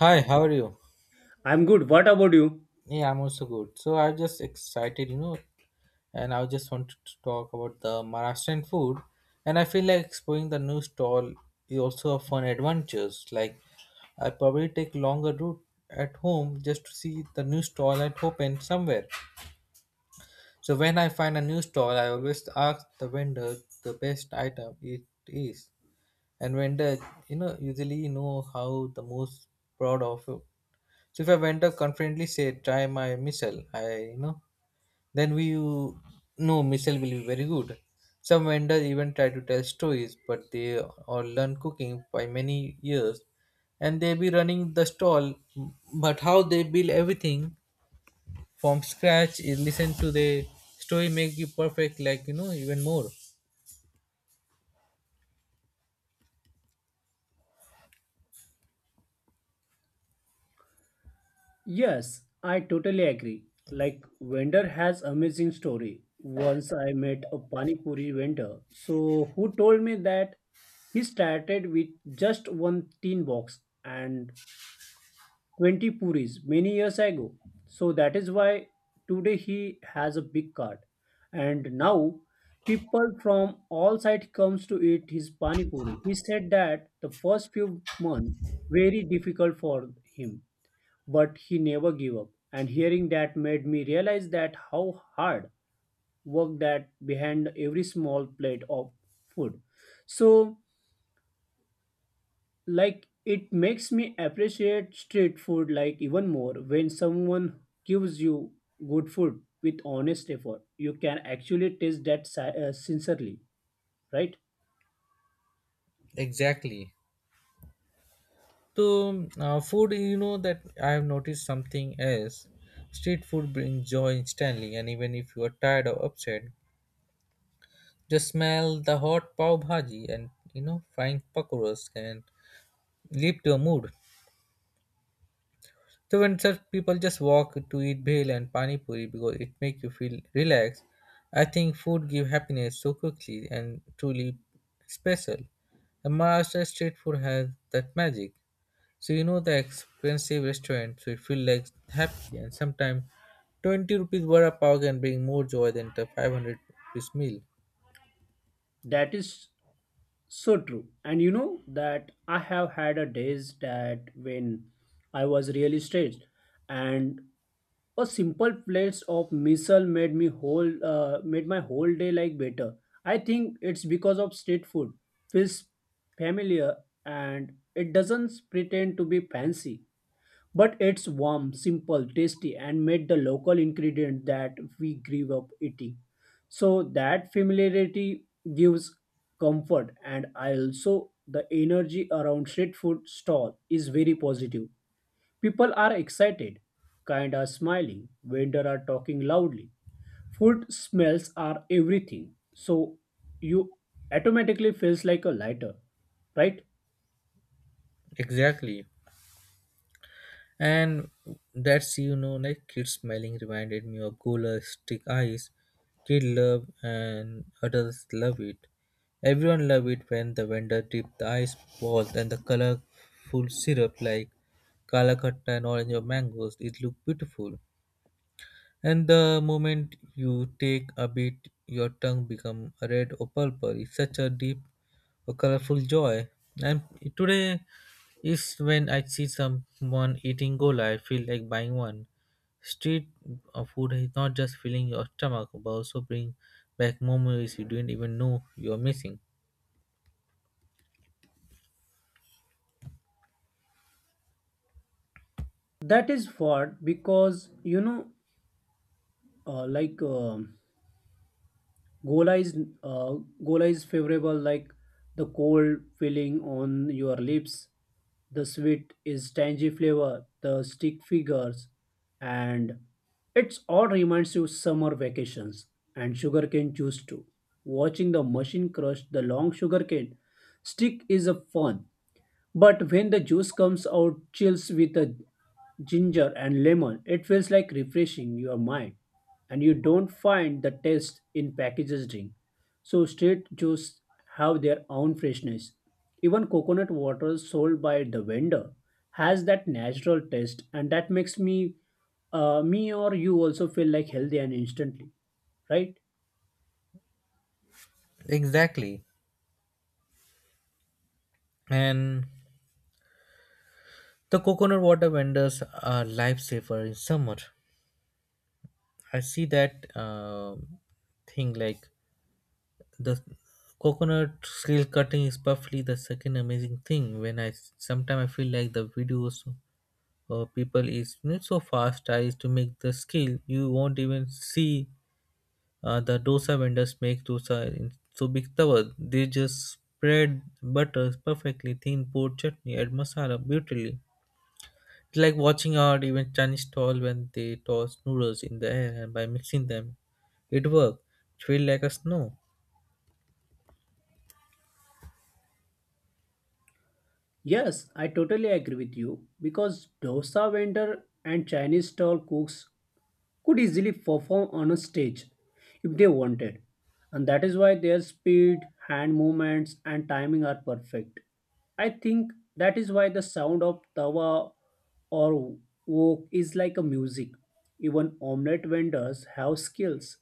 Hi, how are you? I'm good. What about you? Yeah, I'm also good. So I'm just excited, you know, and I just wanted to talk about the Maharashtrian food. And I feel like exploring the new stall is also a fun adventures. Like I probably take longer route at home just to see the new stall at open somewhere. So when I find a new stall, I always ask the vendor the best item it is, and vendor, you know, usually know how the most proud of. So if a vendor confidently say, "Try my missile," I you know, then we you know missile will be very good. Some vendors even try to tell stories, but they all learn cooking by many years, and they be running the stall. But how they build everything from scratch is listen to the story make you perfect, like you know even more. Yes, I totally agree. Like vendor has amazing story. Once I met a pani puri vendor, so who told me that he started with just one tin box and 20 puris many years ago. So that is why today he has a big cart. And now people from all sides comes to eat his pani puri. He said that the first few months very difficult for him, but he never gave up, and hearing that made me realize that how hard work that behind every small plate of food. So like it makes me appreciate street food like even more. When someone gives you good food with honest effort, you can actually taste that sincerely, right? Exactly. So, food, you know that I have noticed something else. Street food brings joy instantly, and even if you are tired or upset, just smell the hot pav bhaji and you know frying pakoras can lift your mood. So when such people just walk to eat bhel and pani puri because it make you feel relaxed, I think food give happiness so quickly and truly special. And Maharashtra street food has that magic. So you know the expensive restaurant, so it feel like happy and sometimes 20 rupees vada pav can bring more joy than the 500 rupees meal. That is so true. And you know that I have had a days that when I was really stressed, and a simple plate of missile made me whole made my whole day like better. I think it's because of street food feels familiar, and it doesn't pretend to be fancy, but it's warm, simple, tasty and made the local ingredient that we grew up eating. So that familiarity gives comfort. And I also the energy around street food stall is very positive. People are excited, kind are smiling, vendor are talking loudly. Food smells are everything. So you automatically feels like a lighter, right? Exactly. And that's you know like kid smelling reminded me of Gola stick ice. Kid love and adults love it. Everyone love it when the vendor dip the ice balls and the colorful syrup like kala khatta and orange or mangoes. It look beautiful. And the moment you take a bit, your tongue become red or purple. It's such a deep or colorful joy. And today is when I see someone eating gola, I feel like buying one. Street food is not just filling your stomach, but also bring back memories you didn't even know you're missing. That is what because uh, like um gola is uh, gola is favorable, like the cold feeling on your lips, the sweet is tangy flavor, the stick figures. And it's all reminds you summer vacations, and sugarcane juice too, watching the machine crush the long sugarcane stick is a fun. But when the juice comes out, chills with a ginger and lemon, it feels like refreshing your mind, and you don't find the taste in packaged drink. So straight juice have their own freshness. Even coconut water sold by the vendor has that natural taste, and that makes me or you also feel like healthy and instantly, right? Exactly. And the coconut water vendors are lifesaver in summer. I see that thing like the coconut reel cutting is perfectly the second amazing thing when I sometimes I feel like the videos or people is you so fast eyes to make the skill you won't even see the dosa vendors make dosa in so big tower. They just spread butter perfectly thin, pour chutney, add masala beautifully. It's like watching out even Chinese stall when they toss noodles in the air and by mixing them it worked. It feel like a snow. Yes, I totally agree with you because dosa vendor and Chinese stall cooks could easily perform on a stage if they wanted. And that is why their speed, hand movements, and timing are perfect. I think that is why the sound of tawa or wok is like a music. Even omelette vendors have skills,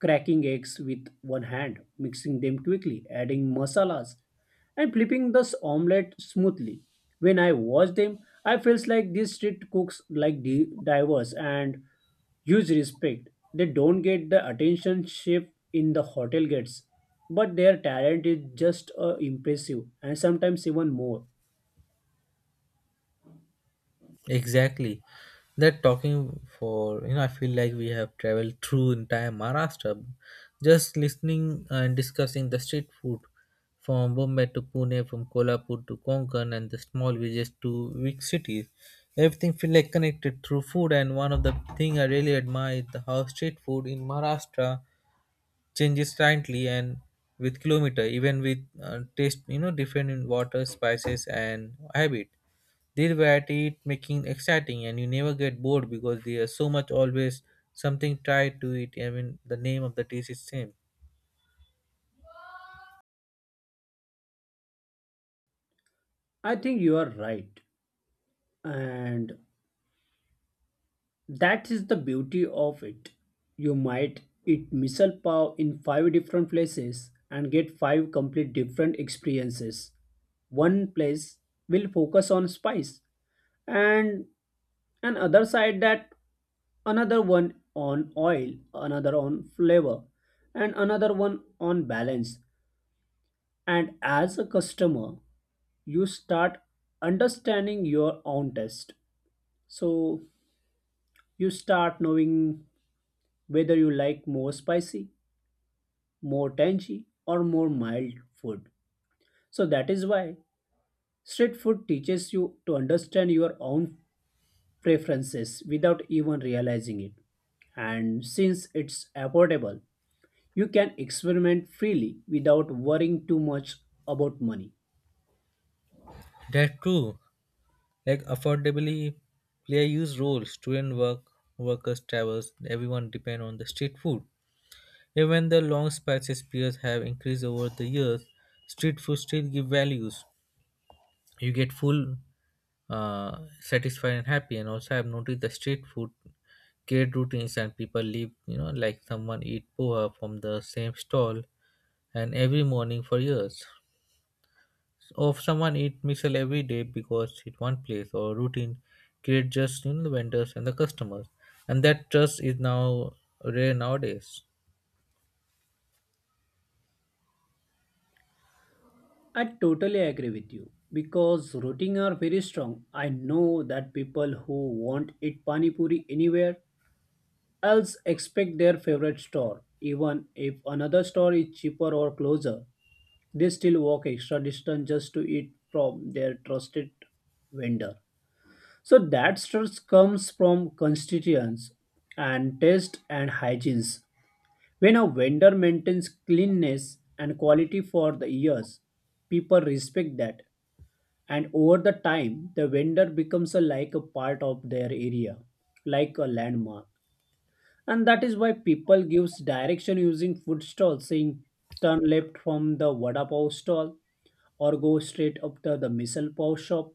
cracking eggs with one hand, mixing them quickly, adding masalas, and flipping this omelette smoothly. When I watch them, I feels like these street cooks like divers and huge respect. They don't get the attention shift in the hotel gets, but their talent is just impressive and sometimes even more. Exactly. That talking for you know, I feel like we have traveled through entire Maharashtra just listening and discussing the street food from Bombay to Pune, from Kolhapur to Konkan and the small villages to big cities. Everything feel like connected through food and one of the thing I really admire is the how street food in Maharashtra changes slightly and with kilometer even with taste you know different in water spices and habit they variety it making exciting and you never get bored because there's so much always something tied to it. I mean the name of the dish is same. I think you are right, and that is the beauty of it. You might eat misal pav in five different places and get five complete different experiences. One place will focus on spice, and and other side that another one on oil, another on flavor, and another one on balance. And as a customer, you start understanding your own taste. So you start knowing whether you like more spicy, more tangy or more mild food. So that is why street food teaches you to understand your own preferences without even realizing it. And since it's affordable, you can experiment freely without worrying too much about money. That's true. Like affordably play a huge role. Student work, workers, travels, everyone depend on the street food. Even the long spices periods have increased over the years, street food still give values. You get full satisfied and happy. And also, I've noticed the street food create routines, and people live, you know, like someone eat poha from the same stall and every morning for years. Or someone eat misal every day because it one place or routine create just in the vendors and the customers, and that trust is now rare nowadays. I totally agree with you because routing are very strong. I know that people who won't eat pani puri anywhere else expect their favorite store, even if another store is cheaper or closer. They still walk extra distance just to eat from their trusted vendor. So that stress comes from constituents and taste and hygienes. When a vendor maintains cleanliness and quality for the years, people respect that. And over the time, the vendor becomes a, like a part of their area, like a landmark. And that is why people gives direction using food stalls, saying turn left from the vada pav stall or go straight up to the misal pav shop.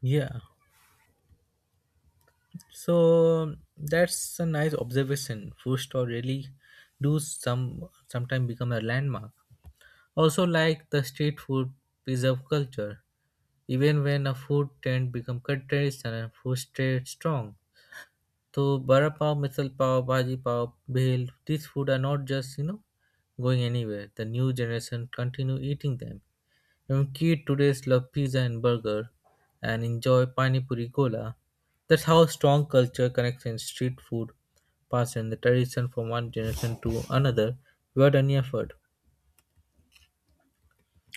Yeah, so that's a nice observation. Food store really do some sometimes become a landmark. Also like the street food preserve culture. Even when a food trend become traditional and food stay strong. So bara pav, misal pav, bhaji pav, bhel, these food are not just, you know, going anywhere. The new generation continue eating them. Even kids today love pizza and burger and enjoy pani puri cola. That's how strong culture connects in street food pass in the tradition from one generation to another without any effort.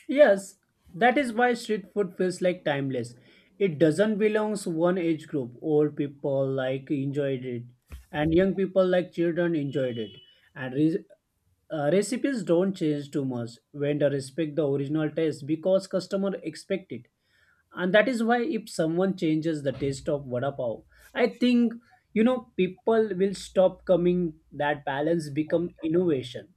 Yes, that is why street food feels like timeless. It doesn't belong to one age group. Old people like enjoyed it, and young people like children enjoyed it. And recipes don't change too much. Vendor respect the original taste because customer expect it. And that is why if someone changes the taste of vada pav, I think you know people will stop coming. That balance become innovation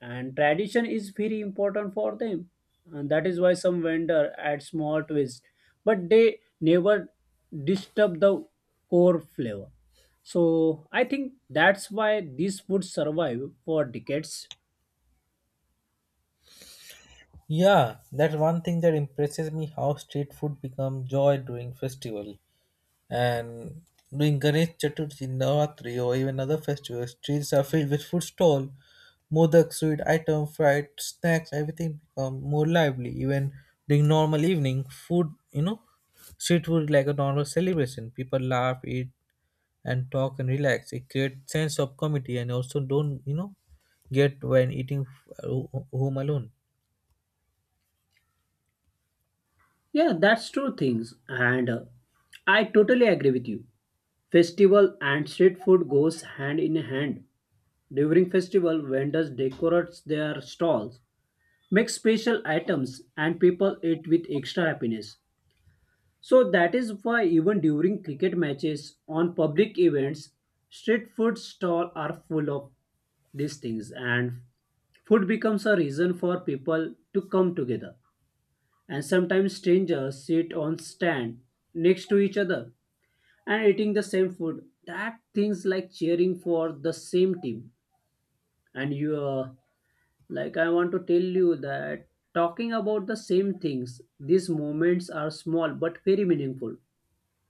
and tradition is very important for them. And that is why some vendor add small twist, but they never disturb the core flavor. So I think that's why this food survive for decades. Yeah, that's one thing that impresses me how street food become joy during festival. And during Ganesh Chaturthi, Navratri or even other festivals, streets are filled with food stall, modak, sweet item, fried snacks, everything become more lively. Even during normal evening, food, you know, street food is like a normal celebration. People laugh, eat and talk and relax. It creates sense of community and also don't, you know, get when eating uh, home alone. Yeah, that's true things. And I totally agree with you. Festival and street food goes hand in hand. During festival vendors decorate their stalls, make special items and people eat with extra happiness. So that is why even during cricket matches on public events, street food stalls are full of these things, and food becomes a reason for people to come together. And sometimes strangers sit on stand next to each other and eating the same food. That things like cheering for the same team. And you like I want to tell you that talking about the same things, these moments are small but very meaningful.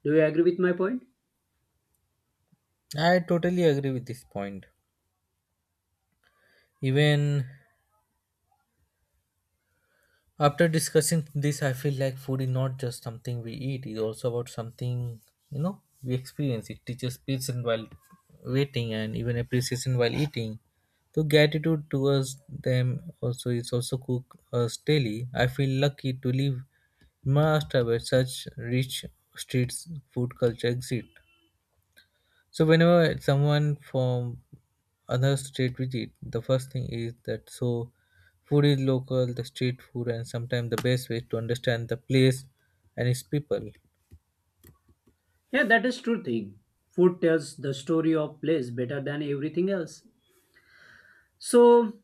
Do you agree with my point? I totally agree with this point. Even after discussing this, I feel like food is not just something we eat, it's also about something, you know, we experience. It teaches patience while waiting and even appreciation while eating. So gratitude towards them also is also cook us daily. I feel lucky to live in Maharashtra where such rich street food culture exists. So whenever someone from another state visit, the first thing is that so food is local, the street food, and sometimes the best way to understand the place and its people. Yeah, that is true thing. Food tells the story of place better than everything else. So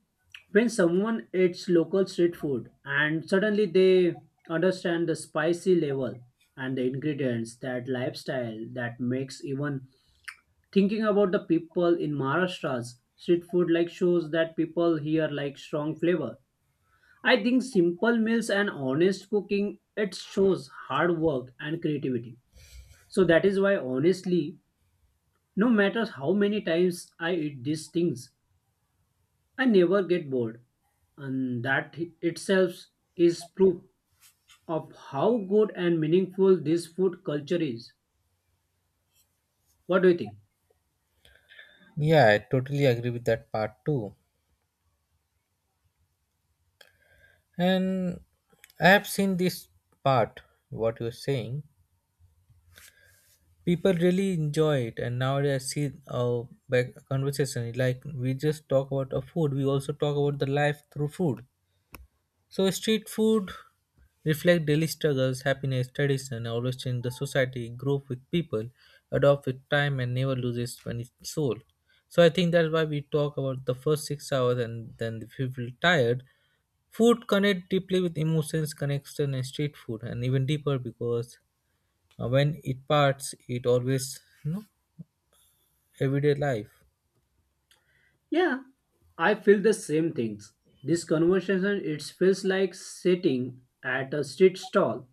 when someone eats local street food and suddenly they understand the spicy level and the ingredients, that lifestyle that makes even thinking about the people in Maharashtra's street food like shows that people here like strong flavor. I think simple meals and honest cooking it shows hard work and creativity. So that is why honestly no matter how many times I eat these things, I never get bored. And that itself is proof of how good and meaningful this food culture is. What do you think? Yeah, I totally agree with that part too. And I have seen this part, what you're saying. People really enjoy it, and nowadays I see our back conversation like we just talk about a food, we also talk about the life through food. So street food reflect daily struggles, happiness, tradition, always change the society, grow with people, adopt with time and never loses when its soul. So I think that's why we talk about the first 6 hours and then if you feel tired. Food connect deeply with emotions, connection and street food and even deeper because when it parts it always you know everyday life. Yeah, I feel the same things. This conversation it feels like sitting at a street stall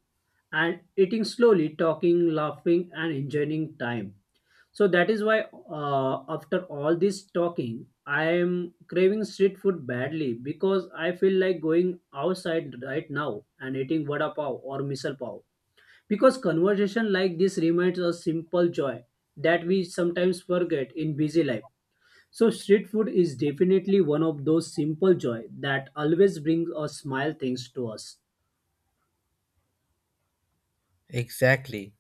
and eating slowly, talking, laughing and enjoying time. So that is why, after all this talking, I am craving street food badly because I feel like going outside right now and eating vada pav or misal pav. Because conversation like this reminds us simple joy that we sometimes forget in busy life. So street food is definitely one of those simple joy that always brings a smile thanks to us. Exactly.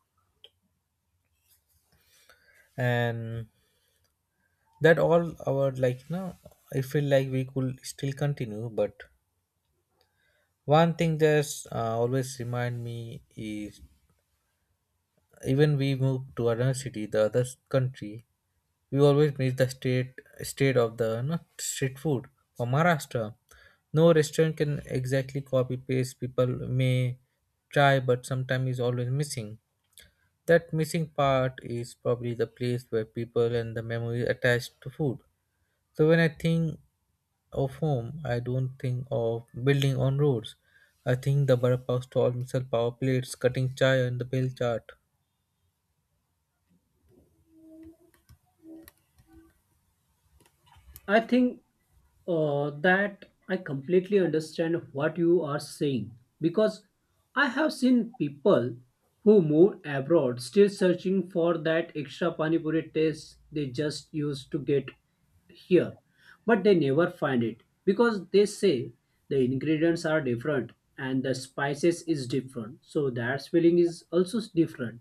And that all our like you know I feel like we could still continue but one thing that's always remind me is even we move to another city, the other country, we always miss the state of the not street food for Maharashtra. No restaurant can exactly copy paste. People may try, but sometimes is always missing. That missing part is probably the place where people and the memory attached to food. So when I think of home, I don't think of building on roads. I think the Barappa stall, missile power plates, cutting chai and the bill chart. I think that I completely understand what you are saying because I have seen people who move abroad still searching for that extra pani puri taste they just used to get here, but they never find it because they say the ingredients are different and the spices is different, so that feeling is also different.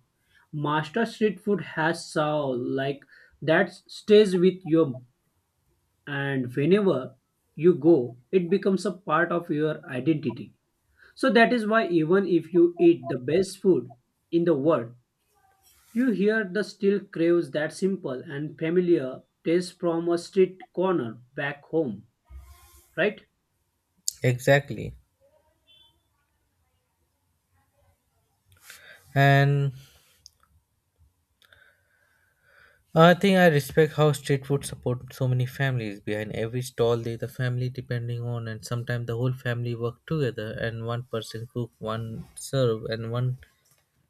Master street food has soul like that stays with you, and whenever you go it becomes a part of your identity. So that is why even if you eat the best food in the world, you hear the still craves that simple and familiar taste from a street corner back home, right? Exactly. And I think I respect how street food supports so many families. Behind every stall, there's a family depending on, and sometimes the whole family work together, and one person cook, one serve, and one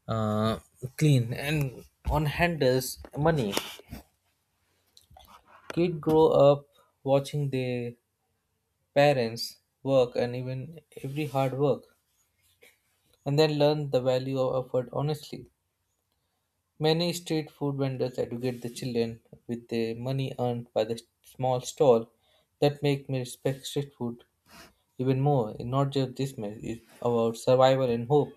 uh, clean, and one handles money. Kid grow up watching their parents, work, and even every hard work, and then learn the value of effort honestly. Many street food vendors educate the children with the money earned by the small stall that make me respect street food even more. It's not just this mess, it's about survival and hope.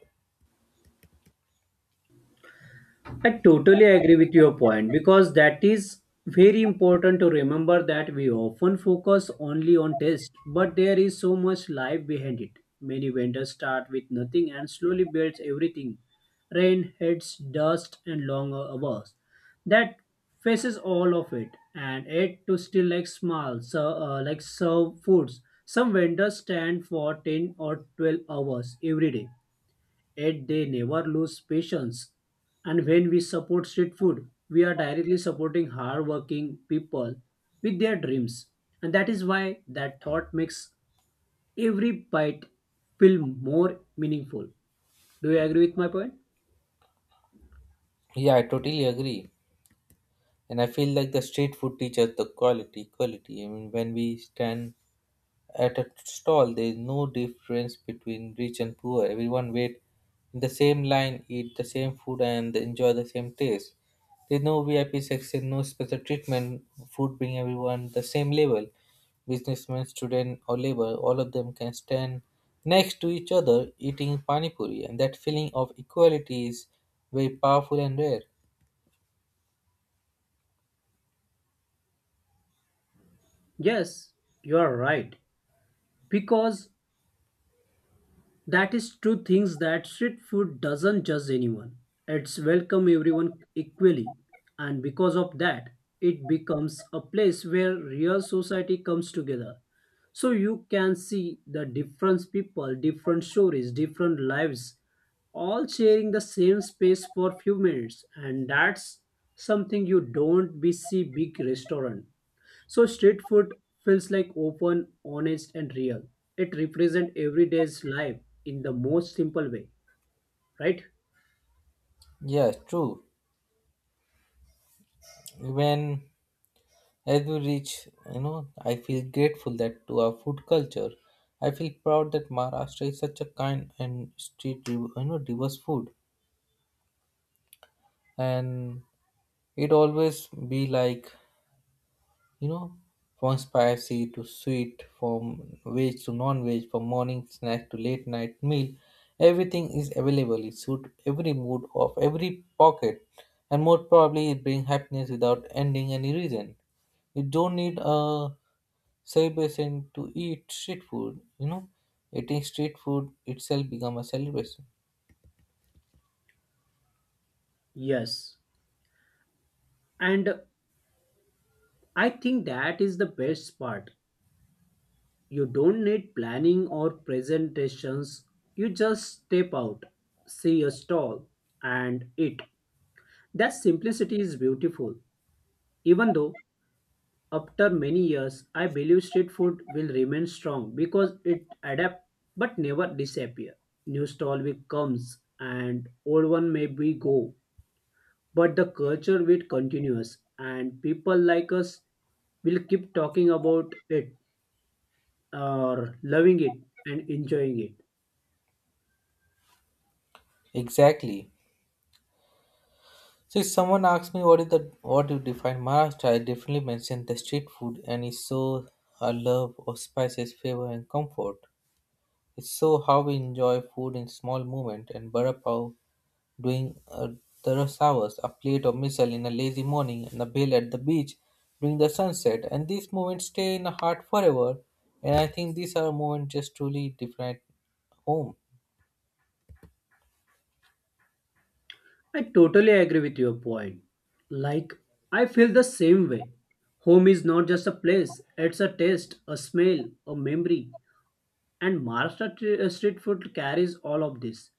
I totally agree with your point because that is very important to remember that we often focus only on taste, but there is so much life behind it. Many vendors start with nothing and slowly builds everything, rain, heads, dust, and long hours. That faces all of it and it to still like small, like serve foods. Some vendors stand for 10 or 12 hours every day. Yet they never lose patience. And when we support street food, we are directly supporting hardworking people with their dreams. And that is why that thought makes every bite feel more meaningful. Do you agree with my point? Yeah, I totally agree. And I feel like the street food teaches the quality. I mean, when we stand at a stall, there is no difference between rich and poor. Everyone wait in the same line, eat the same food, and enjoy the same taste. There's no VIP section, no special treatment. Food bring everyone the same level. Businessmen, student, or labor, all of them can stand next to each other eating pani puri, and that feeling of equality is very powerful and rare. Yes, you are right. Because that is two things that street food doesn't judge anyone. It's welcome everyone equally. And because of that, it becomes a place where real society comes together. So you can see the different people, different stories, different lives, all sharing the same space for few minutes. And that's something you don't be see big restaurant. So street food feels like open, honest, and real. It represents everyday's life in the most simple way, right? Yes, true. When as we reach, you know, I feel grateful that to our food culture. I feel proud that Maharashtra is such a kind and street, you know, diverse food. And it always be like, you know, from spicy to sweet, from veg to non-veg, from morning snack to late night meal. Everything is available. It suit every mood of every pocket. And most probably it bring happiness without ending any reason. You don't need a celebration to eat street food. You know, eating street food itself become a celebration. Yes. And I think that is the best part. You don't need planning or presentations. You just step out, see a stall, and eat. That simplicity is beautiful, even though after many years, I believe street food will remain strong because it adapts but never disappear. New stall will comes and old one may be go, but the culture will continues and people like us will keep talking about it or loving it and enjoying it. Exactly. So if someone asks me what is the what you define Maharashtra, I definitely mention the street food and it's so a love of spices, flavor and comfort. It's so how we enjoy food in small moment and bara pav during the rush hours, a plate of missile in a lazy morning, and a bail at the beach during the sunset. And these moments stay in the heart forever. And I think these are moments just truly different home. I totally agree with your point. Like I feel the same way. Home is not just a place, it's a taste, a smell, a memory. And Maharashtra street food carries all of this.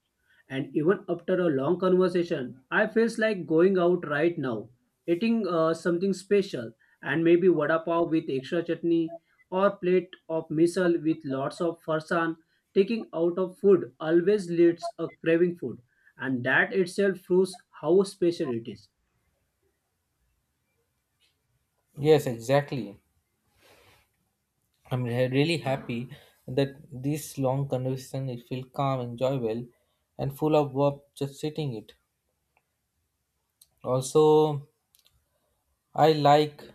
And even after a long conversation, I feels like going out right now, eating something special, and maybe vada pav with extra chutney or plate of misal with lots of farsan. Taking out of food always leads a craving food, and that itself proves how special it is. Yes, exactly. I'm really happy that this long conversation it feel calm, enjoyable, and full of warmth just sitting it. Also, I like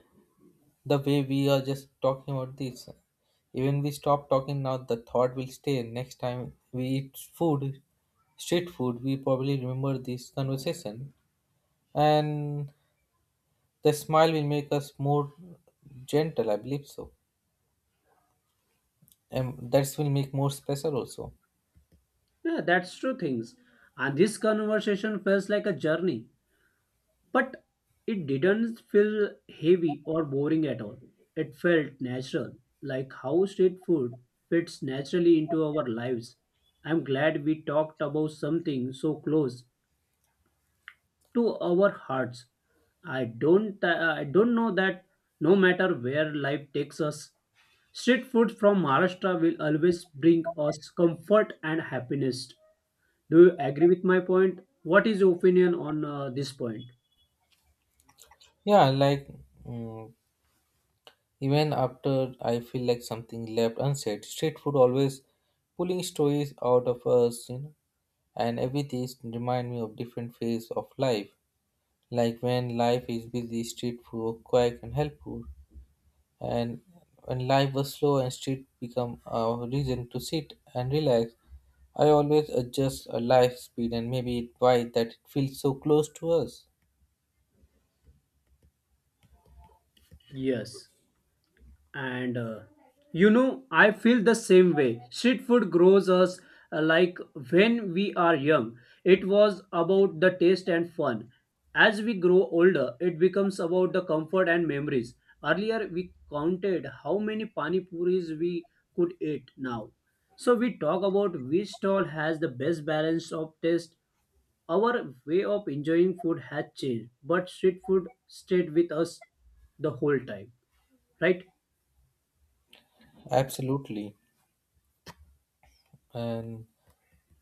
the way we are just talking about this, even we stop talking now, the thought will stay. Next time we eat food, street food, we probably remember this conversation, and the smile will make us more gentle. I believe so, and that will make more special also. Yeah, that's true things. And this conversation feels like a journey. But it didn't feel heavy or boring at all. It felt natural, like how street food fits naturally into our lives. I'm glad we talked about something so close to our hearts. I don't know that no matter where life takes us, street food from Maharashtra will always bring us comfort and happiness. Do you agree with my point? What is your opinion on this point? Yeah, like, mm, even after I feel like something left unsaid, street food always pulling stories out of us, you know, and every taste remind me of different phase of life. Like when life is busy, street food were quick and helpful. And when life was slow and street become a reason to sit and relax, I always adjust a life speed and maybe it why that it feels so close to us. Yes. And you know, I feel the same way. Street food grows us, like when we are young, it was about the taste and fun. As we grow older, it becomes about the comfort and memories. Earlier we counted how many pani puris we could eat. Now so we talk about which stall has the best balance of taste. Our way of enjoying food has changed, but street food stayed with us the whole time, right? Absolutely. And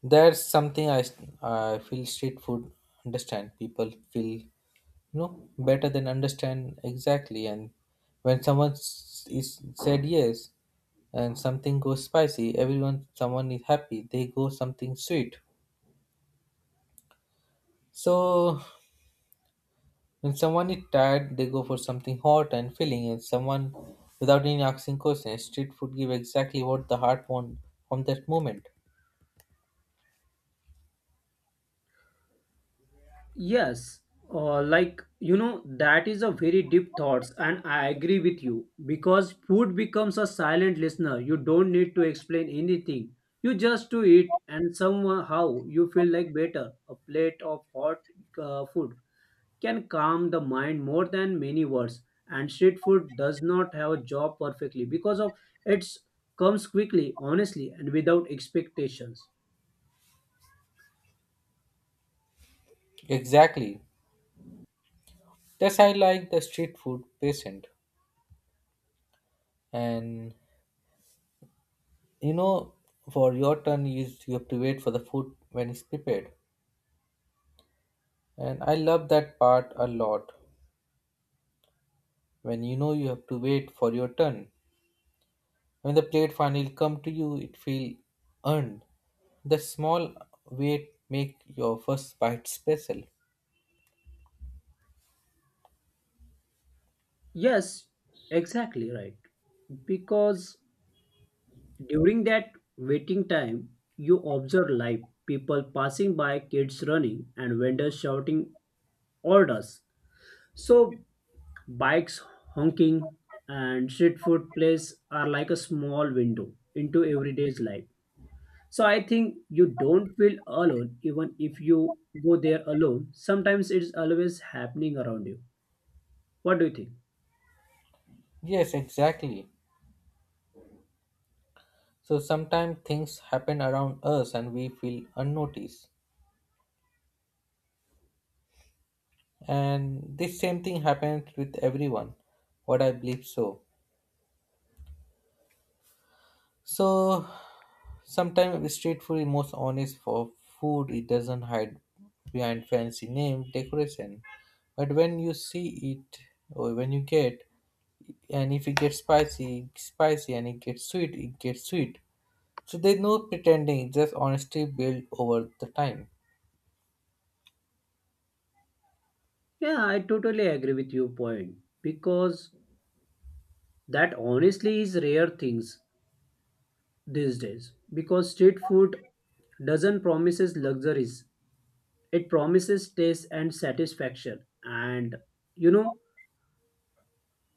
that's something I feel street food understand. People feel no better than understand exactly, and when someone is said yes and something goes spicy everyone someone is happy they go something sweet, so when someone is tired they go for something hot and filling and someone without any asking questions street food give exactly what the heart want from that moment. Yes, like you know, that is a very deep thoughts, and I agree with you because food becomes a silent listener. You don't need to explain anything. You just to eat, and somehow you feel like better. A plate of hot food can calm the mind more than many words. And street food does not have a job perfectly because of its comes quickly, honestly, and without expectations. Exactly, that's I like the street food patient. And you know, for your turn you have to wait for the food when it's prepared. And I love that part a lot. When you know you have to wait for your turn. When the plate finally come to you, it feel earned. The small wait make your first bite special. Yes, exactly right. Because during that waiting time, you observe life, people passing by, kids running, and vendors shouting orders. So, bikes honking and street food places are like a small window into everyday's life. So, I think you don't feel alone even if you go there alone. Sometimes it's always happening around you. What do you think? Yes, exactly. So sometimes things happen around us and we feel unnoticed. And this same thing happens with everyone. What I believe so. So sometimes street food is most honest for food. It doesn't hide behind fancy name decoration. But when you see it, or when you get, and if it gets spicy, it's spicy, and it gets sweet, it gets sweet. So there's no pretending. Just honesty built over the time. Yeah, I totally agree with your point because that honestly is rare things these days, because street food doesn't promises luxuries, it promises taste and satisfaction. And you know,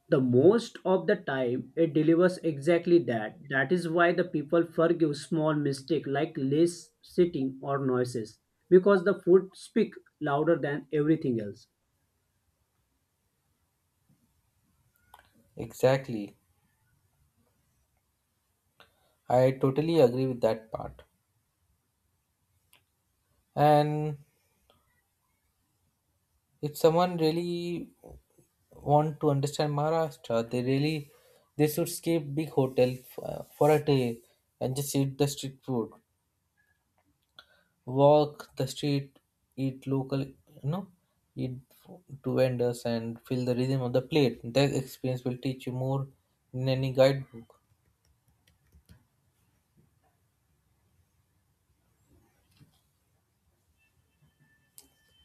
the most of the time it delivers exactly that. That is why the people forgive small mistake like less sitting or noises, because the food speak louder than everything else. Exactly. I totally agree with that part. And if someone really want to understand Maharashtra, they really they should skip big hotel for a day and just eat the street food, walk the street, eat local, you know, eat to vendors and feel the rhythm of the plate. That experience will teach you more than any guidebook.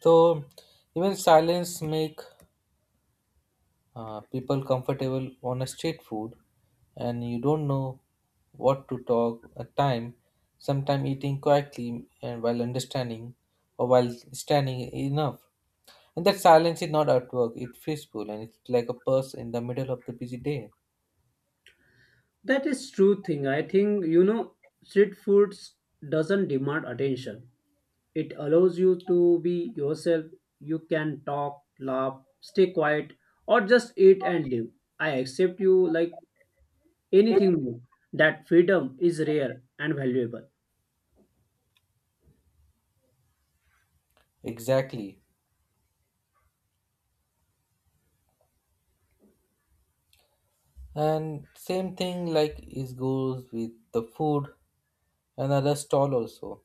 So even silence make people comfortable on a street food and you don't know what to talk at time, sometime eating quietly and while understanding or while standing enough, and that silence is not at work, it's peaceful and it's like a purse in the middle of the busy day. That is true thing. I think you know, street foods doesn't demand attention. It allows you to be yourself. You can talk, laugh, stay quiet, or just eat and live. I accept you like anything more. That freedom is rare and valuable. Exactly, and same thing like is goes with the food, another stall also.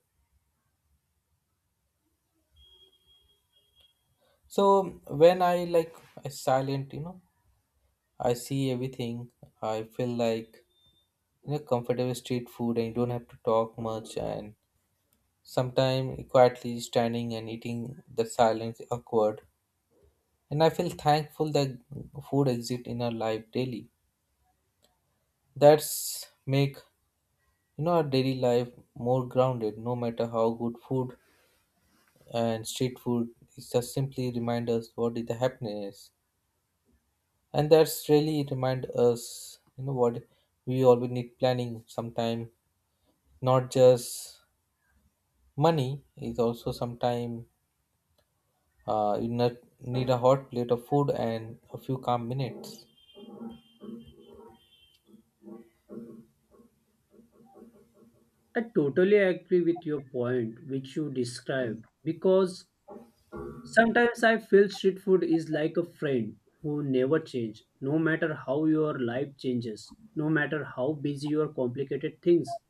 So when I like, I silent, you know, I see everything, I feel like, you know, comfortable street food and you don't have to talk much, and sometimes quietly standing and eating the silence awkward, and I feel thankful that food exists in our life daily. That's make, you know, our daily life more grounded no matter how good food, and street food is just simply remind us what is the happiness. And that's really remind us, you know what, we always need planning sometime, not just money is also sometime. You need a hot plate of food and a few calm minutes. I totally agree with your point, which you described, because sometimes I feel street food is like a friend who never changes, no matter how your life changes, no matter how busy or complicated things.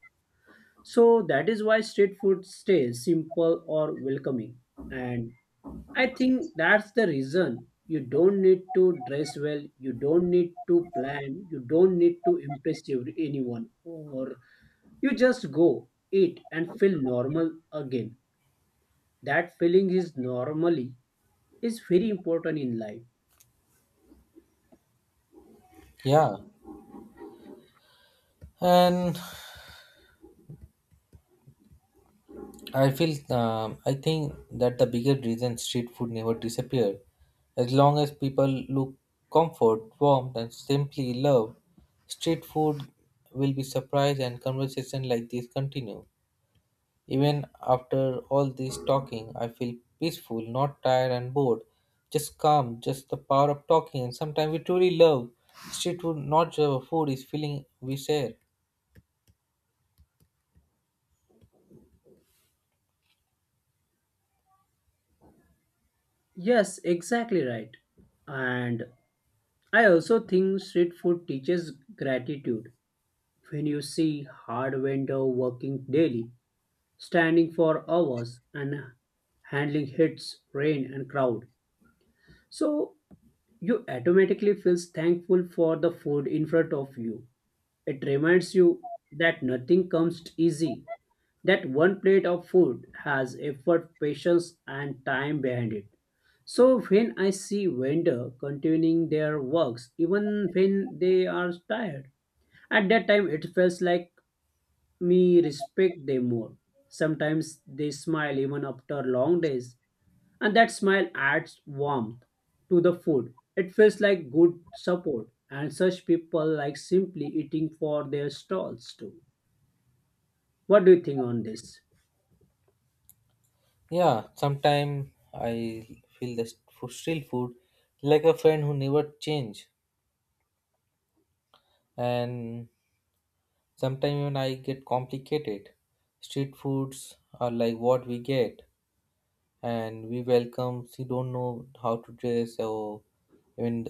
So that is why street food stays simple or welcoming. And I think that's the reason you don't need to dress well, you don't need to plan, you don't need to impress anyone, or you just go, eat, and feel normal again. That feeling is normally is very important in life. Yeah, and I feel I think that the bigger reason street food never disappeared, as long as people look comfort, warmth, and simply love, street food will be surprised and conversation like this continue. Even after all this talking, I feel peaceful, not tired and bored. Just calm, just the power of talking. And sometimes we truly love street food, not just food, is feeling we share. Yes, exactly right. And I also think street food teaches gratitude. When you see hard vendor working daily, standing for hours and handling hits, rain, and crowd. So you automatically feels thankful for the food in front of you. It reminds you that nothing comes easy, that one plate of food has effort, patience, and time behind it. So when I see vendor continuing their works, even when they are tired, at that time it feels like me respect them more. Sometimes they smile even after long days, and that smile adds warmth to the food. It feels like good support, and such people like simply eating for their stalls too. What do you think on this? Yeah, sometimes I feel the food, street food like a friend who never change. And sometimes even I get complicated. Street foods are like what we get. And we welcome. She don't know how to dress or even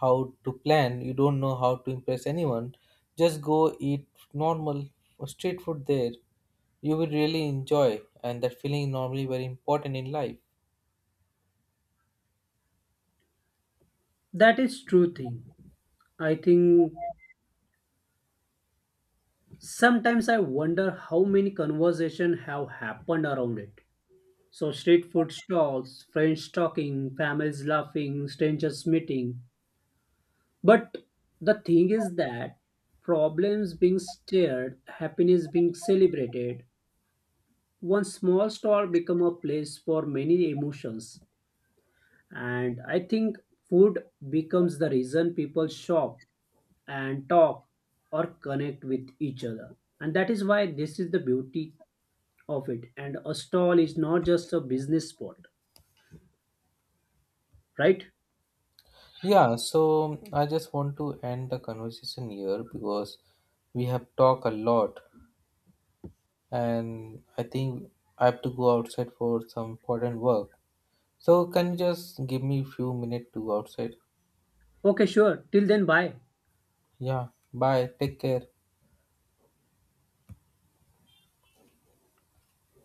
how to plan. You don't know how to impress anyone. Just go eat normal street food there. You will really enjoy, and that feeling is normally very important in life. That is true thing. I think sometimes I wonder how many conversations have happened around it. So street food stalls, friends talking, families laughing, strangers meeting. But the thing is that problems being shared, happiness being celebrated, one small store become a place for many emotions. And I think food becomes the reason people shop and talk or connect with each other. And that is why this is the beauty of it. And a stall is not just a business spot, right? Yeah, so I just want to end the conversation here because we have talked a lot and I think I have to go outside for some important work. So can you just give me a few minutes to go outside? Okay, sure. Till then, bye. Yeah. Bye. Take care.